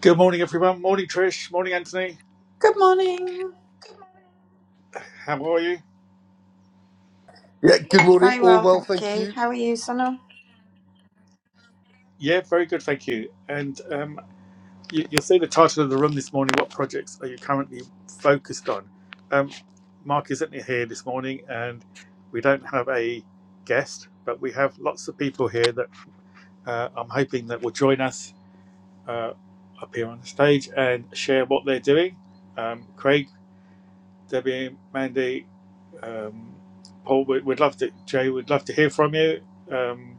Good morning, everyone. Morning, Trish. Morning, Anthony. Good morning. How are you? Yeah, good morning. Very All well, well, thank thank you. you. How are you, Sana? Yeah, very good, thank you. And um, you, you'll see the title of the room this morning. What projects are you currently focused on? Um, Mark isn't here this morning, and we don't have a guest, but we have lots of people here that uh, I'm hoping that will join us uh, up here on the stage and share what they're doing. Um, Craig, Debbie, Mandy, um, Paul, we- we'd love to. Jay, we'd love to hear from you. Um,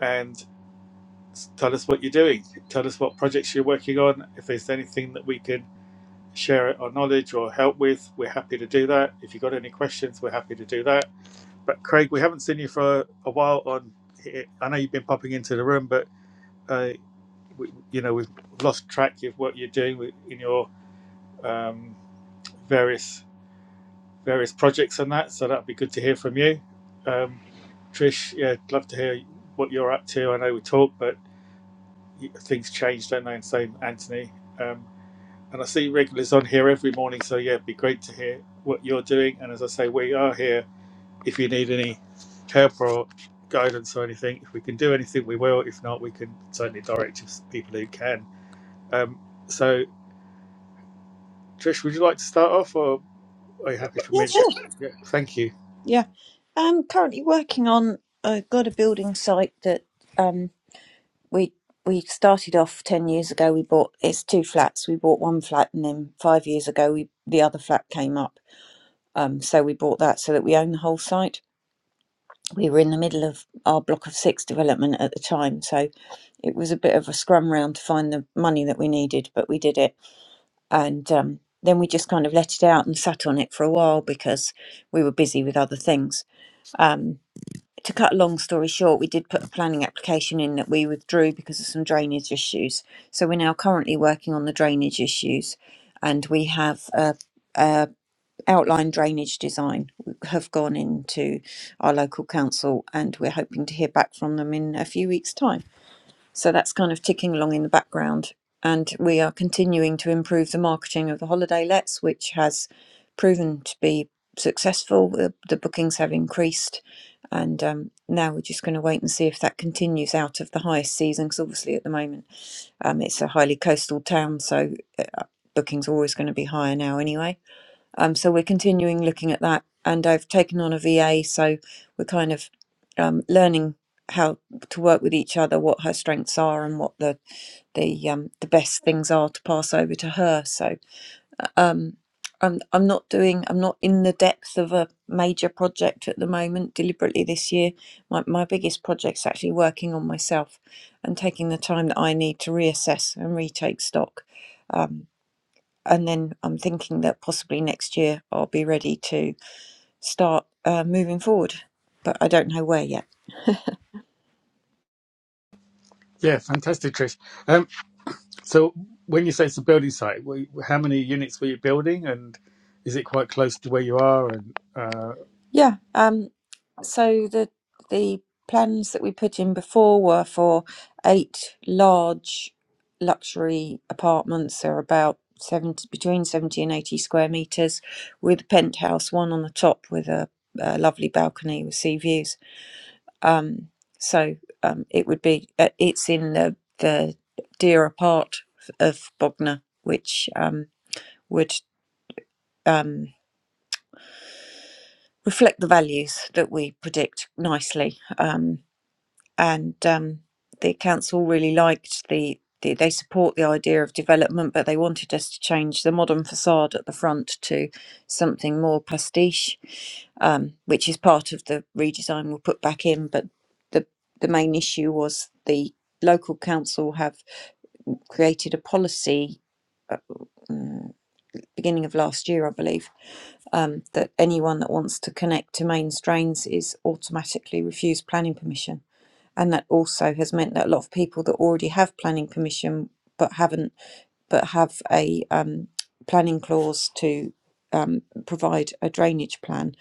and Tell us what you're doing. Tell us what projects you're working on. If there's anything that we can share our knowledge or help with, we're happy to do that. If you've got any questions, we're happy to do that. But Craig, we haven't seen you for a, a while. On here. I know you've been popping into the room, but uh, we, you know we've lost track of what you're doing with, in your um, various various projects and that. So that'd be good to hear from you. Um, Trish, yeah, I'd love to hear what you're up to. I know we talk, but things change, don't they? And same, Anthony. Um, and I see regulars on here every morning, so yeah, it'd be great to hear what you're doing. And as I say, we are here if you need any help or guidance or anything. If we can do anything, we will. If not, we can certainly direct you to people who can. Um, so, Trish, would you like to start off, or are you happy for Yeah, me to? sure. Yeah, thank you. Yeah. I'm currently working on I've got a building site that um we we started off 10 years ago we bought it's two flats. We bought one flat and then 5 years ago we the other flat came up. Um so we bought that so that we own the whole site. We were in the middle of our block of 6 development at the time, so it was a bit of a scrum round to find the money that we needed, but we did it. and um, then we just kind of let it out and sat on it for a while because we were busy with other things. Um, to cut a long story short, we did put a planning application in that we withdrew because of some drainage issues. So we're now currently working on the drainage issues, and we have a, a outline drainage design have gone into our local council, and we're hoping to hear back from them in a few weeks' time. So that's kind of ticking along in the background. And we are continuing to improve the marketing of the holiday lets, which has proven to be successful. The, the bookings have increased. And um, now we're just going to wait and see if that continues out of the highest season, because obviously at the moment um, it's a highly coastal town, so bookings are always going to be higher now anyway. Um, so we're continuing looking at that. And I've taken on a VA, so we're kind of um, learning how to work with each other, what her strengths are, and what the the um, the best things are to pass over to her. So um, I'm I'm not doing I'm not in the depth of a major project at the moment deliberately this year. My my biggest project's actually working on myself and taking the time that I need to reassess and retake stock. Um, and then I'm thinking that possibly next year I'll be ready to start uh, moving forward, but I don't know where yet. Yeah, fantastic, Trish. Um, so, when you say it's a building site, were you- how many units were you building, and is it quite close to where you are? And uh, Yeah. Um, So the the plans that we put in before were for eight large luxury apartments. They're about 70, between 70 and 80 square meters, with penthouse one on the top with a, a lovely balcony with sea views. Um, so um, it would be uh, it's in the the dearer part of Bognor, which um, would um, reflect the values that we predict nicely. Um, and um, the council really liked the, the they support the idea of development but they wanted us to change the modern facade at the front to something more pastiche um, which is part of the redesign we'll put back in but the the main issue was the local council have created a policy Uh, mm, beginning of last year, I believe, um, that anyone that wants to connect to main strains is automatically refused planning permission. And that also has meant that a lot of people that already have planning permission but haven't, but have a um, planning clause to um, provide a drainage plan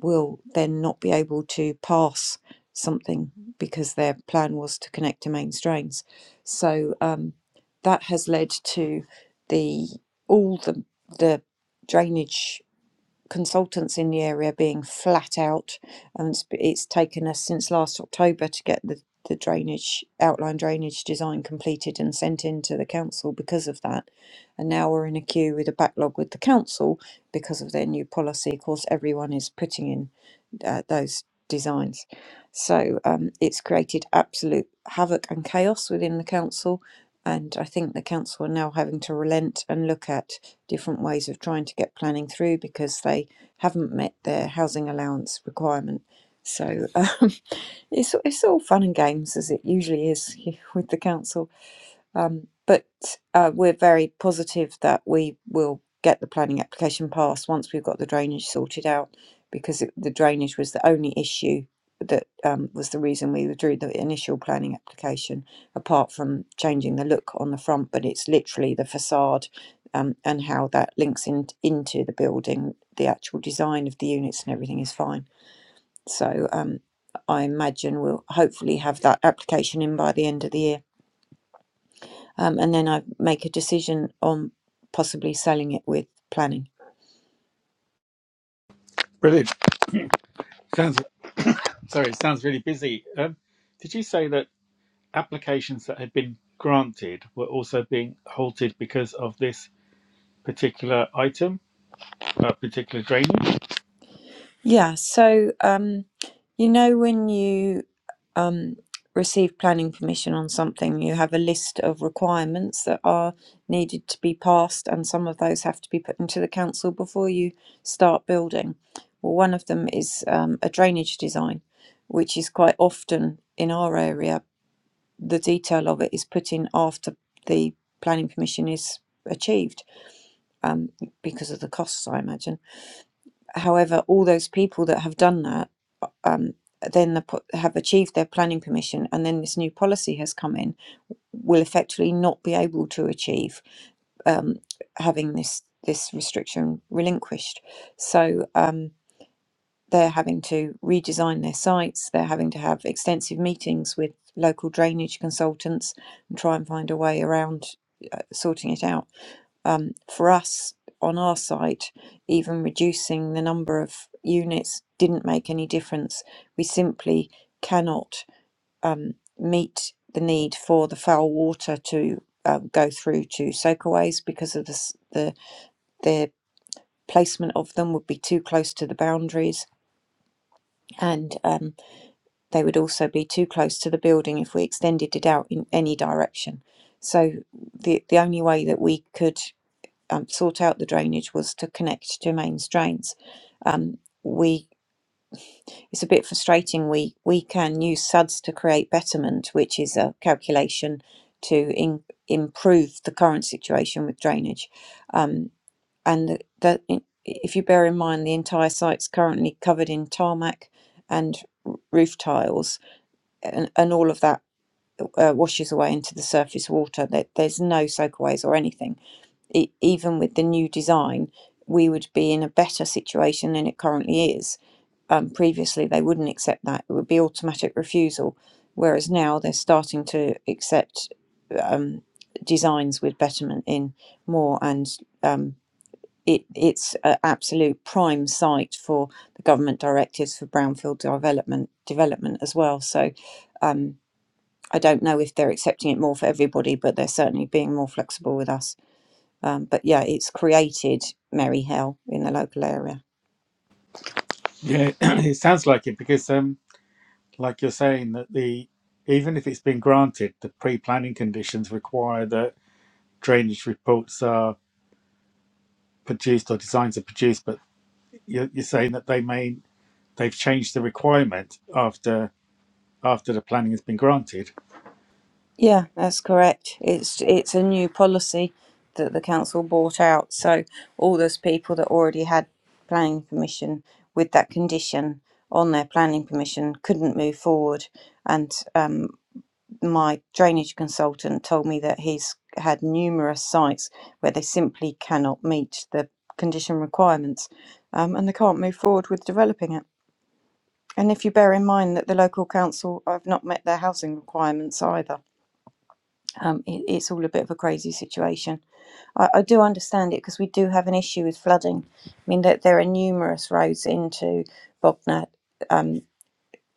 will then not be able to pass something because their plan was to connect to main strains. So um, that has led to the all the the drainage consultants in the area being flat out, and it's, it's taken us since last October to get the the drainage outline drainage design completed and sent in to the council because of that and now we're in a queue with a backlog with the council because of their new policy of course everyone is putting in uh, those designs. So um, it's created absolute havoc and chaos within the council. And I think the council are now having to relent and look at different ways of trying to get planning through because they haven't met their housing allowance requirement. So um, it's it's all fun and games as it usually is with the council um, but uh, we're very positive that we will get the planning application passed once we've got the drainage sorted out, because it, the drainage was the only issue that um, was the reason we withdrew the initial planning application, apart from changing the look on the front. But it's literally the facade um, and how that links in, into the building. The actual design of the units and everything is fine. So um, I imagine we'll hopefully have that application in by the end of the year um, and then I make a decision on possibly selling it with planning. brilliant. Sounds sorry, it sounds really busy. Um, did you say that applications that had been granted were also being halted because of this particular item, uh, particular drainage? Yeah, so um, you know when you um, receive planning permission on something, you have a list of requirements that are needed to be passed, and some of those have to be put into the council before you start building. Well, one of them is um, a drainage design, which is quite often in our area. The detail of it is put in after the planning permission is achieved um, because of the costs, I imagine. However, all those people that have done that um, then the, have achieved their planning permission, and then this new policy has come in, will effectively not be able to achieve um, having this this restriction relinquished. So um, they're having to redesign their sites. They're having to have extensive meetings with local drainage consultants and try and find a way around uh, sorting it out um, for us on our site, even reducing the number of units didn't make any difference. We simply cannot um, meet the need for the foul water to um, go through to soakaways because of the, s- the the placement of them would be too close to the boundaries and um, they would also be too close to the building if we extended it out in any direction. So the the only way that we could um, sort out the drainage was to connect to mains drains. Um, we it's a bit frustrating. We we can use SUDS to create betterment, which is a calculation to in, improve the current situation with drainage. Um, and the, if you bear in mind, the entire site's currently covered in tarmac and r- roof tiles, and, and all of that uh, washes away into the surface water. There, there's no soakaways or anything e- even with the new design, we would be in a better situation than it currently is. Um, previously, they wouldn't accept that; it would be automatic refusal. Whereas now they're starting to accept um, designs with betterment in more, and um, it, it's an absolute prime site for the government directives for brownfield development development as well. So. Um, I don't know if they're accepting it more for everybody, but they're certainly being more flexible with us. Um, but yeah, it's created Merry Hell in the local area. Yeah, it sounds like it because, um, like you're saying, that the even if it's been granted, the pre-planning conditions require that drainage reports are produced or designs are produced. But you're, you're saying that they may they've changed the requirement after after the planning has been granted. Yeah, that's correct. It's it's a new policy that the council brought out. So all those people that already had planning permission with that condition on their planning permission couldn't move forward. And um, my drainage consultant told me that he's had numerous sites where they simply cannot meet the condition requirements, um, and they can't move forward with developing it. And if you bear in mind that the local council have not met their housing requirements either, um, it, it's all a bit of a crazy situation. I, I do understand it because we do have an issue with flooding. I mean, that there there are numerous roads into Bognor um,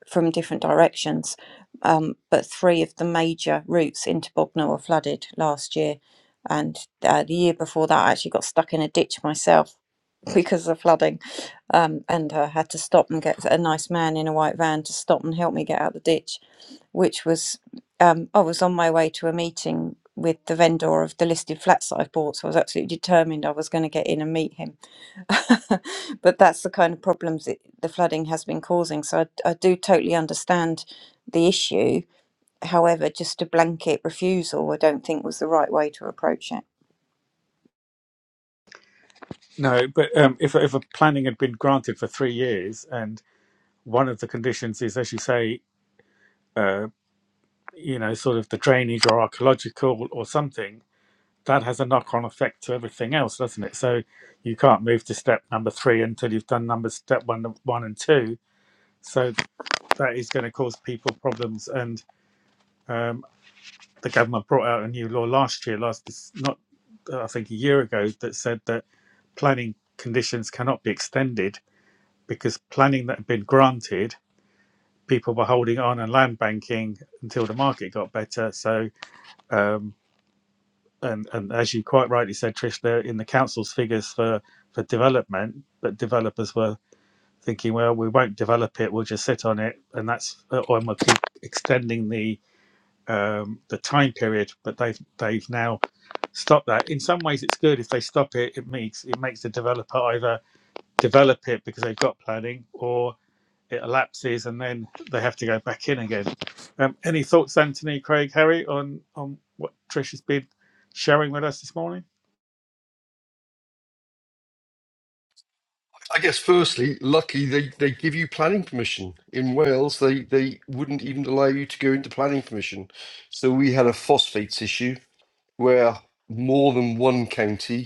from different directions, um, but three of the major routes into Bognor were flooded last year. And uh, the year before that, I actually got stuck in a ditch myself because of flooding um, and I had to stop and get a nice man in a white van to stop and help me get out the ditch which was um, i was on my way to a meeting with the vendor of the listed flats that i've bought so i was absolutely determined i was going to get in and meet him but that's the kind of problems it, the flooding has been causing so I, I do totally understand the issue however just a blanket refusal i don't think was the right way to approach it No, but um, if if a planning had been granted for three years, and one of the conditions is, as you say, uh, you know, sort of the drainage or archaeological or something, that has a knock-on effect to everything else, doesn't it? So you can't move to step number three until you've done number step one, one and two. So that is going to cause people problems. And um, the government brought out a new law last year, last this- not I think a year ago, that said that planning conditions cannot be extended because planning that had been granted, people were holding on and land banking until the market got better. So, um, and and as you quite rightly said, Trish, there in the council's figures for for development, but developers were thinking, well, we won't develop it; we'll just sit on it, and that's or we'll keep extending the um, the time period. But they've they've now stopped that. In some ways, it's good if they stop it. It makes it makes the developer either develop it because they've got planning, or it elapses and then they have to go back in again. Um, any thoughts, Anthony, Craig, Harry, on on what Trish has been sharing with us this morning? I guess firstly, lucky they, they give you planning permission. In Wales, they, they wouldn't even allow you to go into planning permission. So we had a phosphates issue where more than one county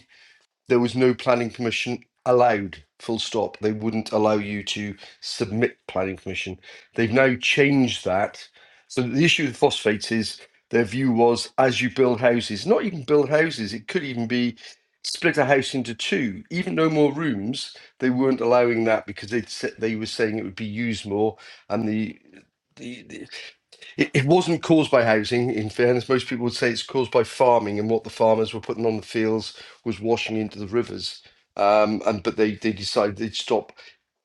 there was no planning permission allowed full stop they wouldn't allow you to submit planning permission they've now changed that so the issue with phosphates is their view was as you build houses not even build houses it could even be split a house into two even no more rooms they weren't allowing that because they they were saying it would be used more and the the, it, it wasn't caused by housing, in fairness. Most people would say it's caused by farming and what the farmers were putting on the fields was washing into the rivers. Um, and but they, they decided they'd stop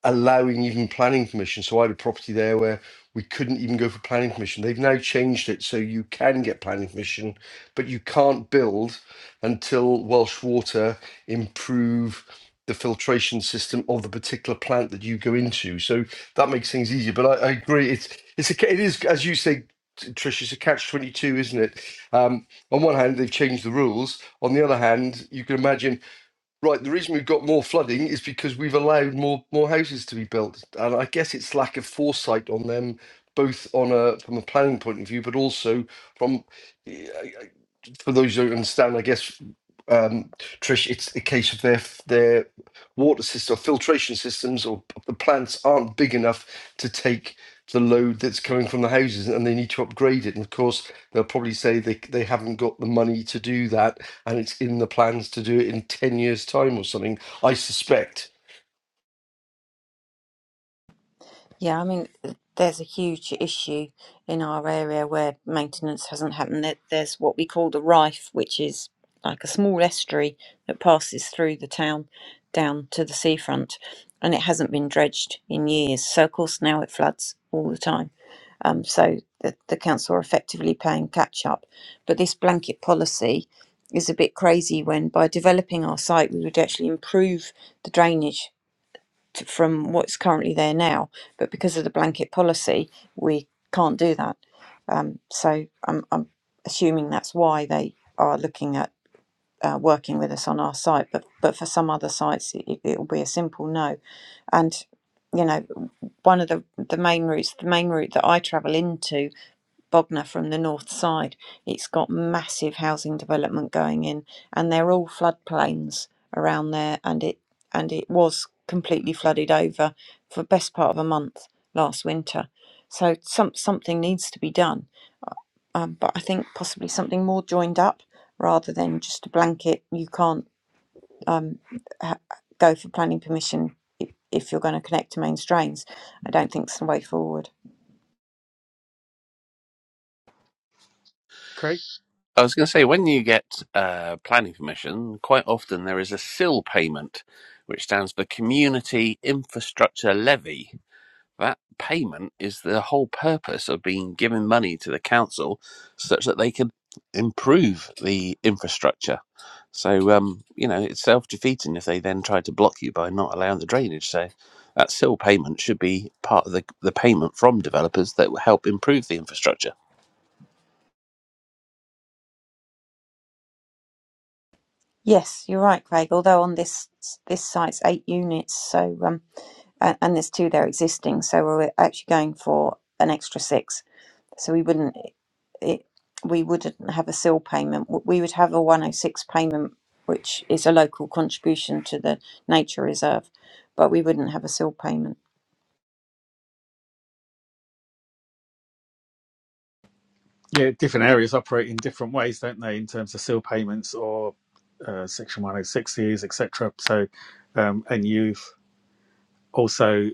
allowing even planning permission. So I had a property there where we couldn't even go for planning permission. They've now changed it so you can get planning permission, but you can't build until Welsh Water improve the filtration system of the particular plant that you go into. So that makes things easier. But I, I agree. It's it's a, it is as you say, Trish. It's a catch twenty two, isn't it? Um, on one hand, they've changed the rules. On the other hand, you can imagine. Right, the reason we've got more flooding is because we've allowed more more houses to be built, and I guess it's lack of foresight on them, both on a from a planning point of view, but also from for those who don't understand, I guess, um, Trish, it's a case of their their water system, filtration systems, or p- the plants aren't big enough to take the load that's coming from the houses, and they need to upgrade it. And of course, they'll probably say they they haven't got the money to do that, and it's in the plans to do it in ten years' time or something. I suspect. Yeah, I mean, there's a huge issue in our area where maintenance hasn't happened. There- There's what we call the Rife, which is like a small estuary that passes through the town down to the seafront, and it hasn't been dredged in years. So, of course, now it floods all the time. Um, so, the, the council are effectively playing catch up. But this blanket policy is a bit crazy when, by developing our site, we would actually improve the drainage t from what's currently there now. But because of the blanket policy, we can't do that. Um, so I'm, I'm assuming that's why they are looking at uh, working with us on our site. But but for some other sites, it, it will be a simple no. And you know, one of the the main routes, the main route that I travel into Bognor from the north side. It's got massive housing development going in, and they're all floodplains around there. And it and it was completely flooded over for the best part of a month last winter. So some something needs to be done. Um, but I think possibly something more joined up rather than just a blanket. You can't um, ha- go for planning permission if, if you're going to connect to main drains. I don't think it's the way forward. Craig? I was going to say, when you get uh, planning permission, quite often there is a SIL payment, which stands for Community Infrastructure Levy. That payment is the whole purpose of being given money to the council such that they can improve the infrastructure. So, um, you know, it's self defeating if they then try to block you by not allowing the drainage. So, that SIL payment should be part of the, the payment from developers that will help improve the infrastructure. Yes, you're right, Craig. Although on this this site's eight units, so um, and, and there's two there existing, so we're actually going for an extra six. So we wouldn't it we wouldn't have a sill payment. W- We would have a 106 payment, which is a local contribution to the nature reserve, but we wouldn't have a sill payment. Yeah, different areas operate in different ways, don't they, in terms of seal payments or uh, Section 106s, etc. So, um, and you've also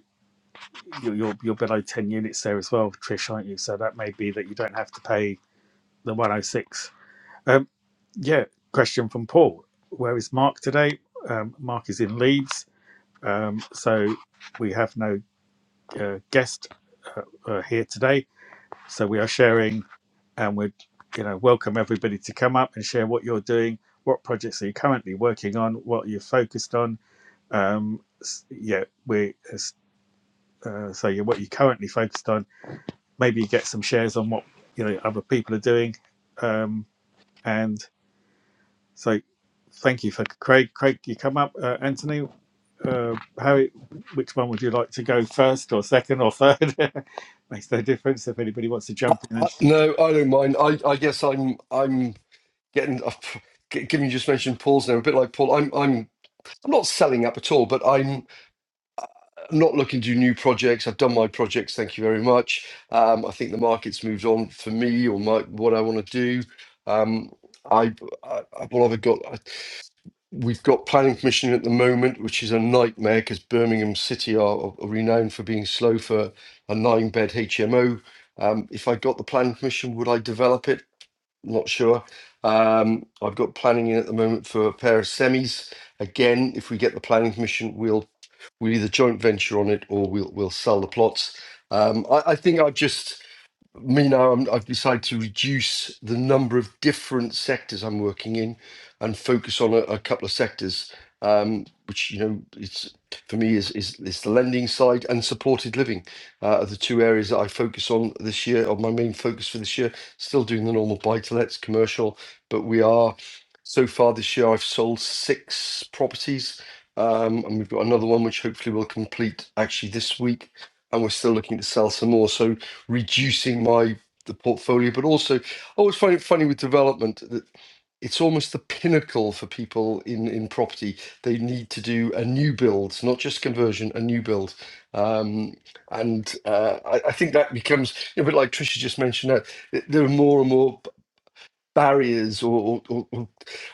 you're, you're you're below 10 units there as well, Trish, aren't you? So that may be that you don't have to pay the 106. Um, yeah, question from Paul. Where is Mark today? Um, Mark is in Leeds Um, so we have no uh, guest uh, uh, here today. So we are sharing, and we you know welcome everybody to come up and share what you're doing, what projects are you currently working on, what you're focused on. Um, s- yeah, we uh, so yeah, what you're currently focused on. Maybe you get some shares on what you know other people are doing, um, and so thank you for Craig. Craig, you come up, uh, Anthony. uh, how it, which one would you like to go first or second or third? Makes no difference if anybody wants to jump in. I, And no, I don't mind. I I guess I'm I'm getting. I've- g- Given you just mentioned Paul's name, a bit like Paul, I'm I'm I'm not selling up at all, but I'm I'm not looking to do new projects. I've done my projects. Thank you very much. Um, I think the market's moved on for me or my what I want to do. Um, I, I I- what have I got? I, we've got planning commission at the moment, which is a nightmare because Birmingham City are, are renowned for being slow for a nine-bed HMO. Um, if I got the planning commission, would I develop it? Not sure. Um, I've got planning in at the moment for a pair of semis. Again, if we get the planning commission, we'll we either joint venture on it or we'll we'll sell the plots. Um, I, I think I've just Meanwhile, I'm, I've decided to reduce the number of different sectors I'm working in and focus on a, a couple of sectors, um, which you know, it's for me is is, is the lending side and supported living uh, are the two areas that I focus on this year. Or my main focus for this year, still doing the normal buy to lets commercial, but we are so far this year I've sold six properties, um, and we've got another one which hopefully will complete actually this week, and we're still looking to sell some more. So reducing my the portfolio, but also I always find it funny with development that it's almost the pinnacle for people in in property. They need to do a new build, not just conversion, a new build, um, and uh, I, I think that becomes a bit like Trisha just mentioned. That th- there are more and more barriers or, or, or,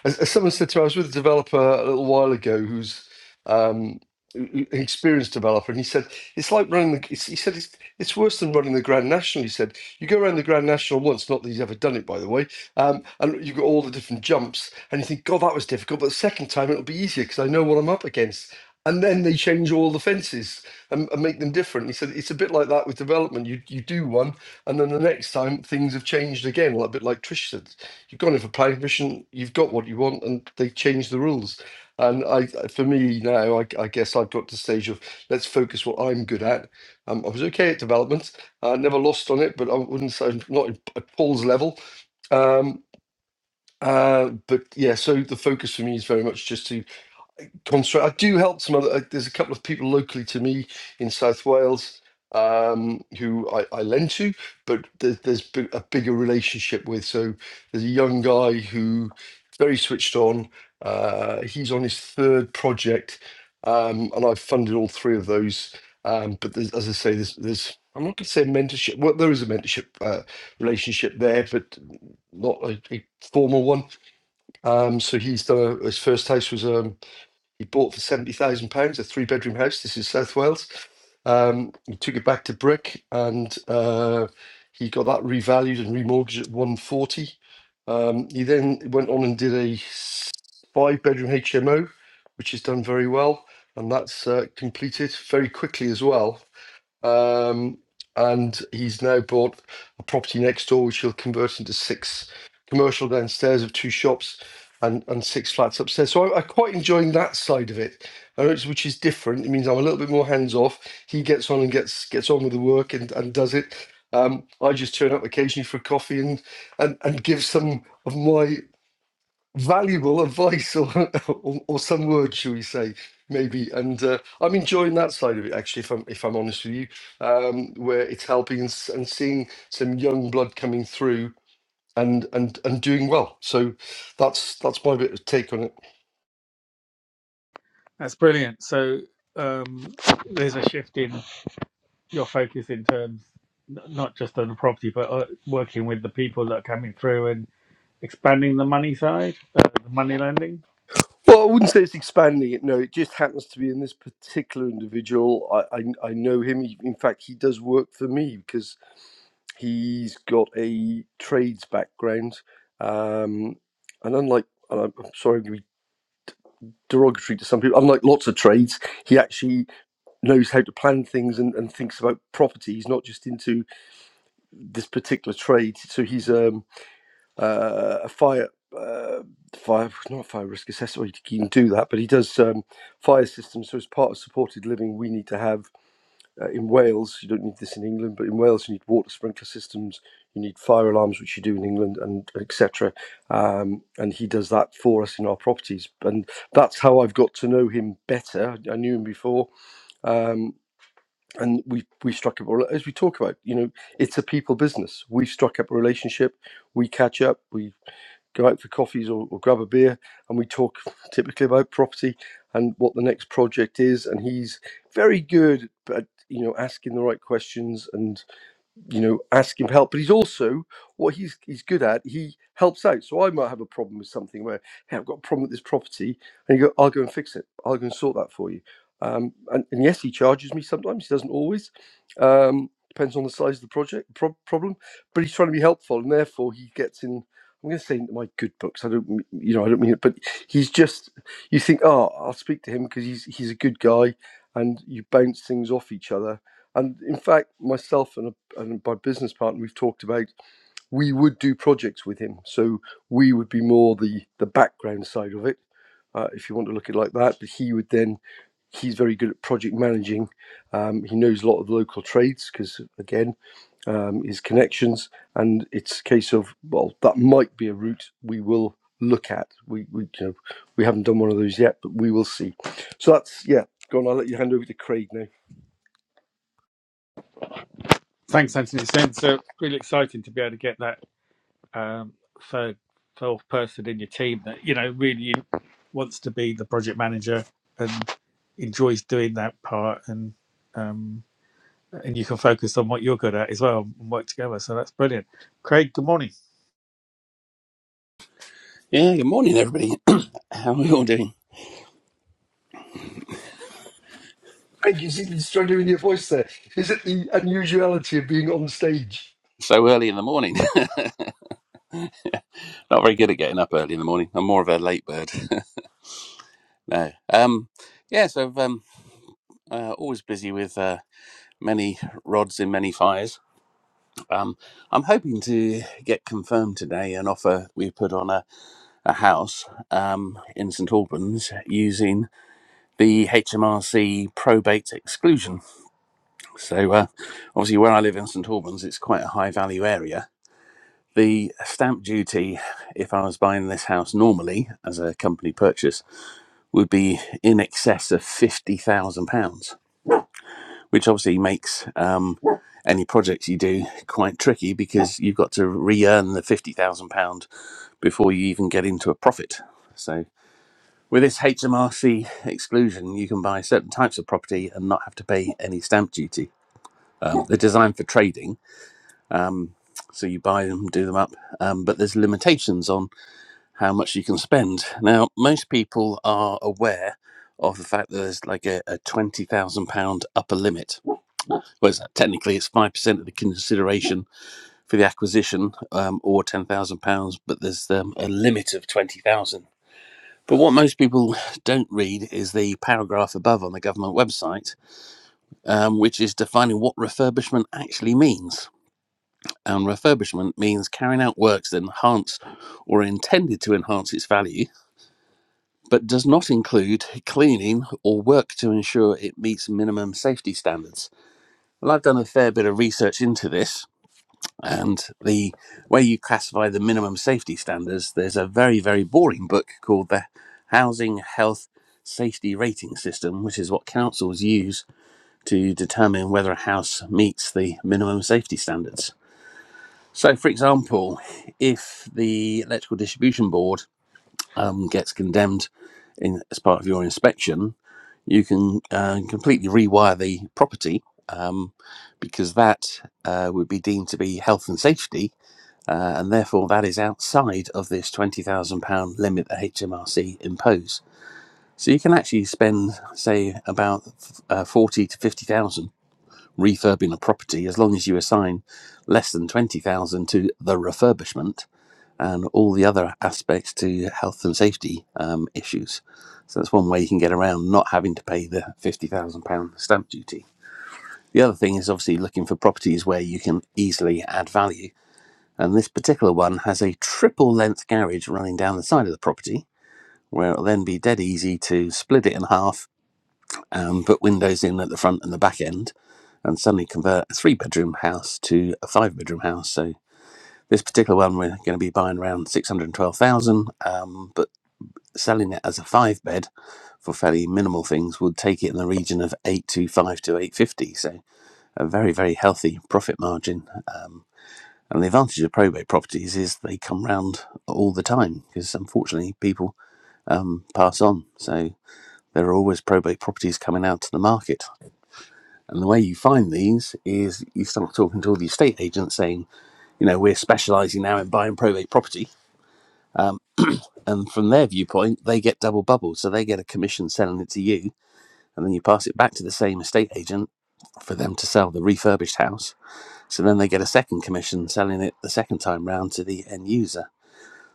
as, as someone said to me, I was with a developer a little while ago who's um, who- who- an experienced developer, and he said it's like running the. it's- He said it's, it's worse than running the Grand National. He said you go around the Grand National once, not that he's ever done it by the way, um, and you got all the different jumps, and you think, God, that was difficult, but the second time it'll be easier because I know what I'm up against. And then they change all the fences and, and make them different. He said it's a bit like that with development. You you do one, and then the next time things have changed again, like a bit like Trish said you've gone in for planning permission, you've got what you want, and they changed the rules. And I, for me now, I, I guess I've got to the stage of let's focus what I'm good at. Um, I was okay at development. I never lost on it, but I wouldn't say I'm not in- at Paul's level. Um, uh, but yeah, so the focus for me is very much just to construct. I do help some other. Uh, there's a couple of people locally to me in South Wales um, who I, I lend to, but there's, there's bi- a bigger relationship with. So there's a young guy who very switched on. Uh, he's on his third project, um, and I've funded all three of those. Um, but there's, as I say, there's, there's I'm not going to say mentorship. Well, there is a mentorship uh, relationship there, but not a, a formal one. Um, so he's done a, his first house was um, he bought for seventy thousand pounds a three bedroom house. This is South Wales. Um, he took it back to Brick, and uh, he got that revalued and remortgaged at one forty. Um, he then went on and did a five bedroom HMO, which has done very well, and that's uh, completed very quickly as well. Um, and he's now bought a property next door, which he'll convert into six commercial downstairs of two shops and, and six flats upstairs. So I, I'm quite enjoying that side of it, and it's- which is different. It means I'm a little bit more hands off. He gets on and gets gets on with the work and, and does it. Um, I just turn up occasionally for a coffee and, and, and give some of my valuable advice or, or or some words, shall we say, maybe. And uh, I'm enjoying that side of it actually. If I'm if I'm honest with you, um, where it's helping and, s- and seeing some young blood coming through. And, and and doing well, so that's that's my bit of take on it. That's brilliant. So um, there's a shift in your focus in terms n- not just on the property, but uh, working with the people that are coming through and expanding the money side, uh, the money lending. Well, I wouldn't say it's expanding it. No, it just happens to be in this particular individual. I I, I know him. He- In fact, he does work for me because He's got a trades background, um, and unlike, and I'm sorry, I'm going to be derogatory to some people. Unlike lots of trades, he actually knows how to plan things and, and thinks about property. He's not just into this particular trade. So he's um, uh, a fire. Uh, fire not fire risk assessor he can do that but he does um, fire systems so as part of supported living we need to have Uh, in Wales, you don't need this in England, but in Wales, you need water sprinkler systems, you need fire alarms, which you do in England, and etc. Um, and he does that for us in our properties, and that's how I've got to know him better. I knew him before, um, and we we struck up a as we talk about. You know, it's a people business. We struck up a relationship. We catch up. We go out for coffees or, or grab a beer, and we talk typically about property and what the next project is. And he's very good at you know asking the right questions and you know, ask him for help. But he's also what he's he's good at. He helps out. So I might have a problem with something where, hey, I've got a problem with this property, and you go, I'll go and fix it. I'll go and sort that for you. Um, and, and yes, he charges me sometimes. He doesn't always. Um, depends on the size of the project pro- problem. But he's trying to be helpful, and therefore he gets in. I'm going to say into my good books. I don't, m- you know, I don't mean it, but he's just. You think, oh, I'll speak to him because he's he's a good guy, and you bounce things off each other. And in fact, myself and a and my business partner we've talked about we would do projects with him so we would be more the the background side of it uh, if you want to look at it like that but he would then he's very good at project managing um, he knows a lot of local trades because again um, his connections and it's a case of well that might be a route we will look at we, we you know we haven't done one of those yet but we will see so that's yeah go on i'll let you hand over to craig now Thanks, Anthony. It's been so really exciting to be able to get that um, third fourth person in your team that you know really wants to be the project manager and enjoys doing that part and um, and you can focus on what you're good at as well and work together so that's brilliant craig good morning Yeah, good morning, everybody. How are we all doing? Craig, you seem to be struggling with your voice there. Is it the unusuality of being on stage? so early in the morning. Not very good at getting up early in the morning. I'm more of a late bird. no. Um, yeah, so I've um, uh, always busy with uh, many rods in many fires. Um, I'm hoping to get confirmed today an offer we put on a, a house um, in St Albans using the HMRC probate exclusion. So, uh, obviously, where I live in St Albans, it's quite a high value area The stamp duty, if I was buying this house normally as a company purchase, would be in excess of £50,000, which obviously makes um, any projects you do quite tricky because you've got to re earn the £50,000 before you even get into a profit. So, with this HMRC exclusion, you can buy certain types of property and not have to pay any stamp duty. Um, they're designed for trading, so you buy them, do them up, um, but there's limitations on how much you can spend. Now, most people are aware of the fact that there's like a, a £20,000 upper limit. Whereas technically it's 5% of the consideration for the acquisition um, or £10,000, but there's um, a limit of 20000 But what most people don't read is the paragraph above on the government website, um, which is defining what refurbishment actually means. And refurbishment means carrying out works that enhance or are intended to enhance its value but does not include cleaning or work to ensure it meets minimum safety standards. Well, I've done a fair bit of research into this, and the way you classify the minimum safety standards, there's a very, very boring book called the Housing Health Safety Rating System, which is what councils use to determine whether a house meets the minimum safety standards. So, for example, if the electrical distribution board um, gets condemned in, as part of your inspection, you can uh, completely rewire the property um, because that uh, would be deemed to be health and safety, uh, and therefore that is outside of this £20,000 limit that HMRC impose. So you can actually spend, say, about uh, forty to fifty thousand refurbing a property, as long as you assign less than twenty thousand to the refurbishment and all the other aspects to health and safety um, issues. So that's one way you can get around not having to pay the £50,000 stamp duty. The other thing is obviously looking for properties where you can easily add value. And this particular one has a triple length garage running down the side of the property, where it'll then be dead easy to split it in half and put windows in at the front and the back end and suddenly convert a three bedroom house to a five bedroom house. So this particular one we're going to be buying around 612,000 um, but selling it as a five bed for fairly minimal things would take it in the region of 825 to 850 so a very very healthy profit margin um, and the advantage of probate properties is they come round all the time because unfortunately people um, pass on so there are always probate properties coming out to the market and the way you find these is you start talking to all the estate agents saying you know we're specializing now in buying probate property and from their viewpoint they get double bubbled so they get a commission selling it to you and then you pass it back to the same estate agent for them to sell the refurbished house. So then they get a second commission selling it the second time round to the end user.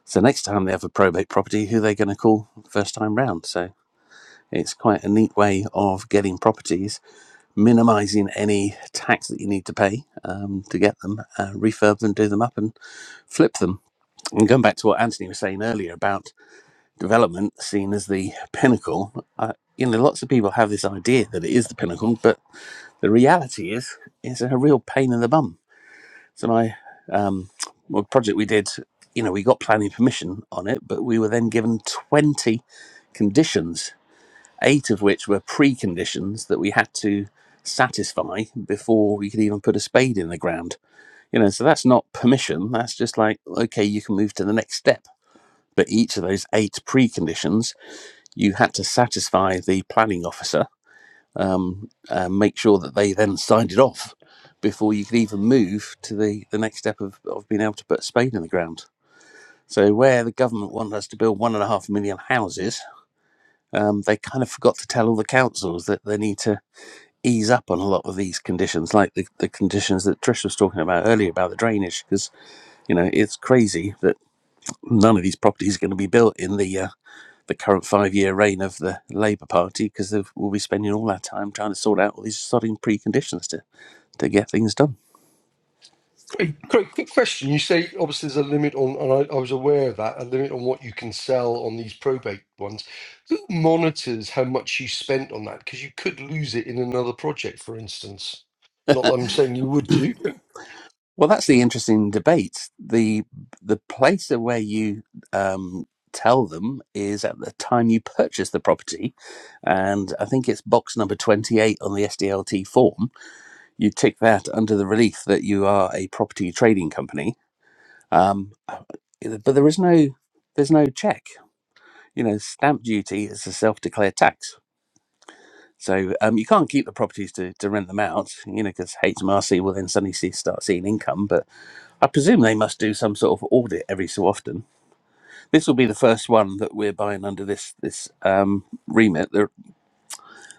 So next time they have a probate property, who they going to call first time round? So it's quite a neat way of getting properties, minimizing any tax that you need to pay um, to get them, uh, refurb them, do them up, and flip them. And going back to what Anthony was saying earlier about development seen as the pinnacle, uh, you know, lots of people have this idea that it is the pinnacle, but the reality is it's a real pain in the bum. So my um, well, project we did, you know, we got planning permission on it, but we were then given twenty conditions, eight of which were preconditions that we had to satisfy before we could even put a spade in the ground. You know, so that's not permission. That's just like okay, you can move to the next step. But each of those eight preconditions, you had to satisfy the planning officer um, and make sure that they then signed it off before you could even move to the, the next step of, of being able to put a spade in the ground. So, where the government wanted us to build one and a half million houses, um, they kind of forgot to tell all the councils that they need to ease up on a lot of these conditions, like the, the conditions that Trish was talking about earlier about the drainage, because, you know, it's crazy that none of these properties are going to be built in the uh, the current five year reign of the Labour Party because we'll be spending all our time trying to sort out all these sodding preconditions to to get things done. Craig, Craig, quick question. You say obviously there's a limit on, and I, I was aware of that, a limit on what you can sell on these probate ones. Who monitors how much you spent on that? Because you could lose it in another project, for instance. Not that I'm saying you would do. Well, that's the interesting debate. the The place of where you um, tell them is at the time you purchase the property, and I think it's box number twenty eight on the SDLT form. You tick that under the relief that you are a property trading company, Um, uh, but there is no there's no check. You know, stamp duty is a self-declared tax, so um, you can't keep the properties to, to rent them out. You know, because HMRC will then suddenly see, start seeing income. But I presume they must do some sort of audit every so often. This will be the first one that we're buying under this this um, remit. There,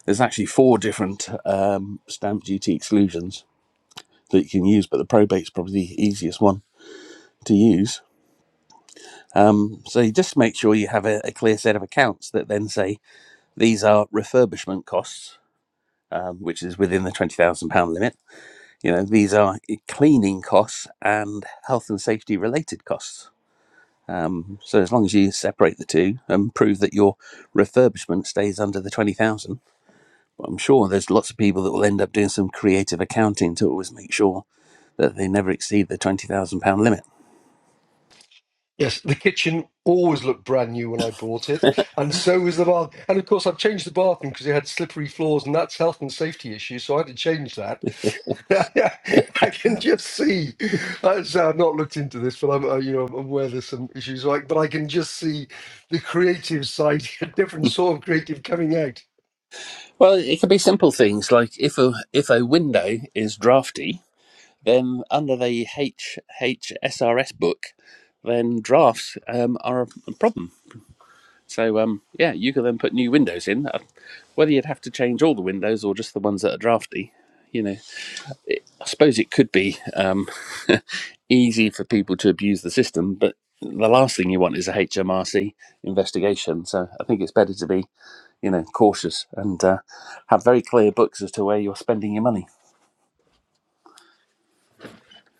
there's actually four different um, stamp duty exclusions that you can use, but the probate's probably the easiest one to use Um, so you just make sure you have a, a clear set of accounts that then say these are refurbishment costs, um, which is within the twenty thousand pound limit. You know these are cleaning costs and health and safety related costs. Um, so as long as you separate the two and prove that your refurbishment stays under the twenty thousand, I'm sure there's lots of people that will end up doing some creative accounting to always make sure that they never exceed the twenty thousand pound limit. Yes, the kitchen always looked brand new when I bought it, and so was the bath. And of course, I've changed the bathroom because it had slippery floors, and that's health and safety issue, so I had to change that. I can just see. uh, So I've not looked into this, but I'm, uh, you know, I'm aware there's some issues. Like, but I can just see the creative side, a different sort of creative coming out. Well, it can be simple things like if a if a window is drafty, Then under the H HSRS book, then drafts um, are a problem. So um, yeah, you can then put new windows in. Uh, Whether you'd have to change all the windows or just the ones that are drafty, you know, it, I suppose it could be um, easy for people to abuse the system, but the last thing you want is a H M R C investigation. So I think it's better to be, you know, cautious and uh, have very clear books as to where you're spending your money.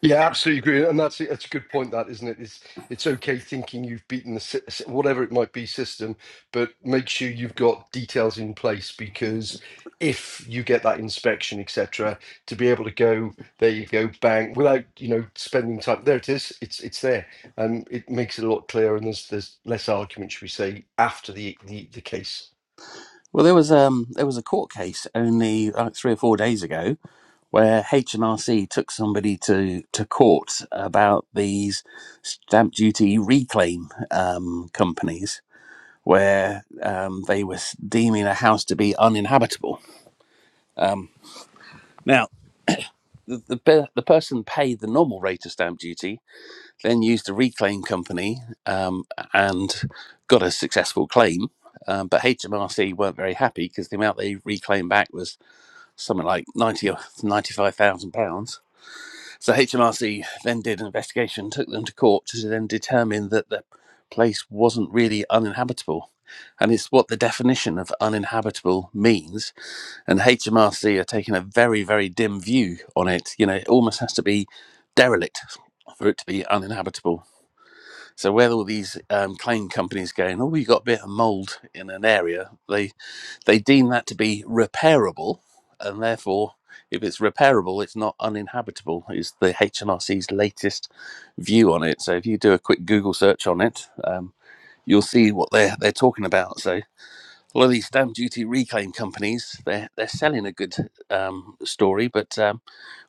Yeah, absolutely agree, and that's that's a good point. That isn't it? It's it's okay thinking you've beaten the sy- sy- whatever it might be system, but make sure you've got details in place because if you get that inspection, etc., to be able to go there, you go bang without you know spending time. There it is. It's it's there, and it makes it a lot clearer. And there's there's less argument, should we say, after the the, the case. Well, there was um there was a court case only like three or four days ago where H and HMRC took somebody to to court about these stamp duty reclaim um, companies where um, they were deeming a house to be uninhabitable. Um, now. The, the, per- the person paid the normal rate of stamp duty, then used a reclaim company um, and got a successful claim. Um, but HMRC weren't very happy because the amount they reclaimed back was something like 90 or 95,000 pounds. So HMRC then did an investigation, took them to court to then determine that the place wasn't really uninhabitable. And it's what the definition of uninhabitable means. And HMRC are taking a very, very dim view on it. You know, it almost has to be derelict for it to be uninhabitable so where all these um, claim companies going, oh, we got a bit of mold in an area, they they deem that to be repairable, and therefore, if it's repairable, it's not uninhabitable. Is the H N R C's latest view on it. So if you do a quick Google search on it, um, you'll see what they're they're talking about. So a lot of these stamp duty reclaim companies, they're they're selling a good um, story, but um,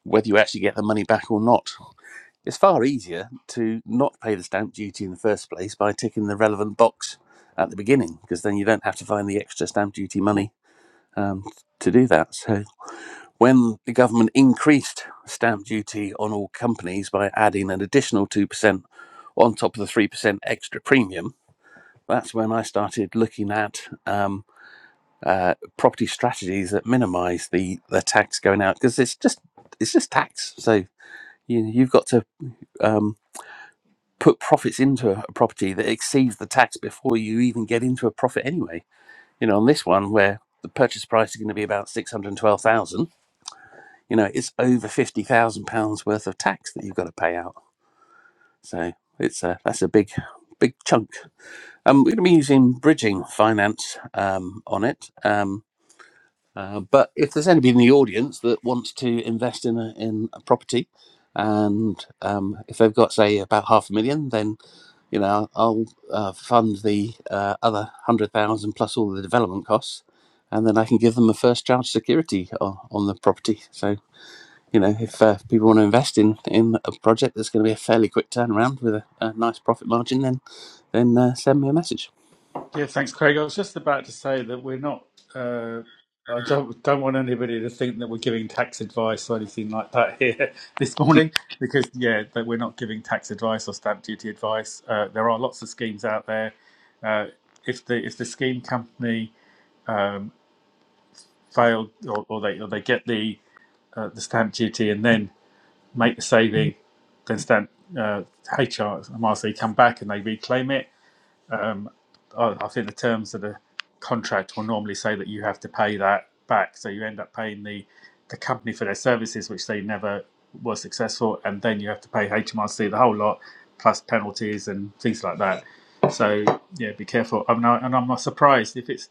whether you actually get the money back or not it's far easier to not pay the stamp duty in the first place by ticking the relevant box at the beginning, because then you don't have to find the extra stamp duty money um, to do that. So, when the government increased stamp duty on all companies by adding an additional 2% on top of the 3% extra premium, that's when I started looking at um, uh, property strategies that minimise the, the tax going out because it's just it's just tax. So you you've got to. um, put profits into a property that exceeds the tax before you even get into a profit anyway. You know, on this one where the purchase price is going to be about six hundred twelve thousand, you know, it's over fifty thousand pounds worth of tax that you've got to pay out. So it's a that's a big big chunk. Um, we're going to be using bridging finance um, on it. Um. Uh, but if there's anybody in the audience that wants to invest in a, in a property, and um, if they've got say about half a million, then you know I'll uh, fund the uh, other hundred thousand plus all the development costs, and then I can give them a first charge security on, on the property. So you know if uh, people want to invest in in a project that's going to be a fairly quick turnaround with a, a nice profit margin, then then uh, send me a message. Yeah, thanks, Craig. I was just about to say that we're not. Uh, I don't don't want anybody to think that we're giving tax advice or anything like that here this morning, because yeah, that we're not giving tax advice or stamp duty advice. Uh, there are lots of schemes out there. Uh, if the if the scheme company um, failed or, or they or they get the uh, the stamp duty and then make the saving, then stamp uh, HR MRC come back and they reclaim it um, I, I think the terms of the contract will normally say that you have to pay that back, so you end up paying the the company for their services, which they never were successful, and then you have to pay HMRC the whole lot plus penalties and things like that. So yeah, be careful. I'm not, and I'm not surprised if it's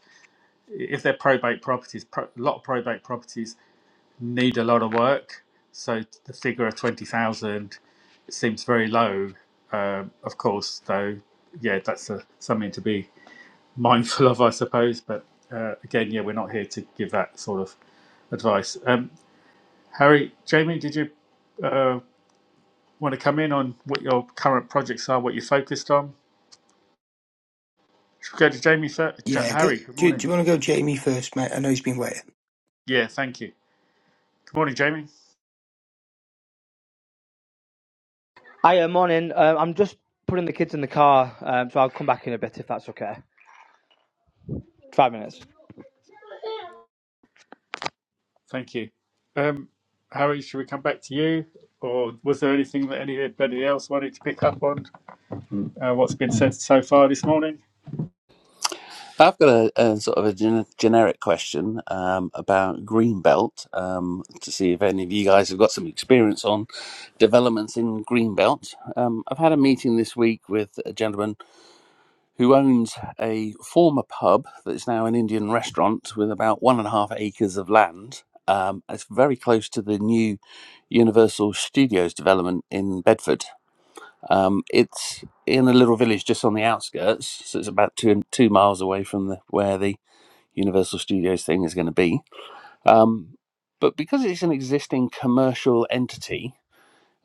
if they're probate properties. Pro, a lot of probate properties need a lot of work, so the figure of twenty thousand seems very low. Um, of course, though, yeah, that's a, something to be mindful of, I suppose. But uh, again, yeah, we're not here to give that sort of advice. Um, Harry, Jamie, did you uh, want to come in on what your current projects are, what you're focused on? Should we go to Jamie first? Ja- Yeah, go, Harry, good do, morning. do you want to go Jamie first, mate? I know he's been waiting. Yeah, thank you. Good morning, Jamie. Hiya, morning. Um, I'm just putting the kids in the car, um, so I'll come back in a bit if that's okay. Five minutes. Thank you. Um, Harry, should we come back to you? Or was there anything that anybody else wanted to pick up on? Uh, what's been said so far this morning? I've got a, a sort of a gen- generic question um, about Greenbelt um, to see if any of you guys have got some experience on developments in Greenbelt. Um, I've had a meeting this week with a gentleman who owns a former pub that's now an Indian restaurant with about one and a half acres of land. Um, it's very close to the new Universal Studios development in Bedford. Um, it's in a little village just on the outskirts, so it's about two two miles away from the, where the Universal Studios thing is going to be. Um, but because it's an existing commercial entity,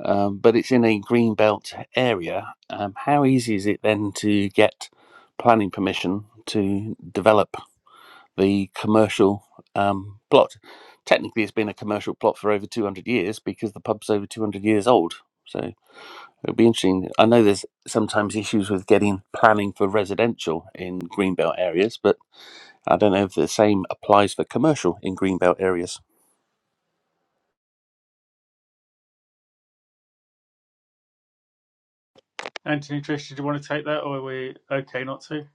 um, but it's in a greenbelt area, um, how easy is it then to get planning permission to develop the commercial um, plot? Technically, it's been a commercial plot for over 200 years because the pub's over 200 years old. So it'll be interesting. I know there's sometimes issues with getting planning for residential in greenbelt areas, but I don't know if the same applies for commercial in greenbelt areas. Anthony, Trish, did you want to take that, or are we okay not to?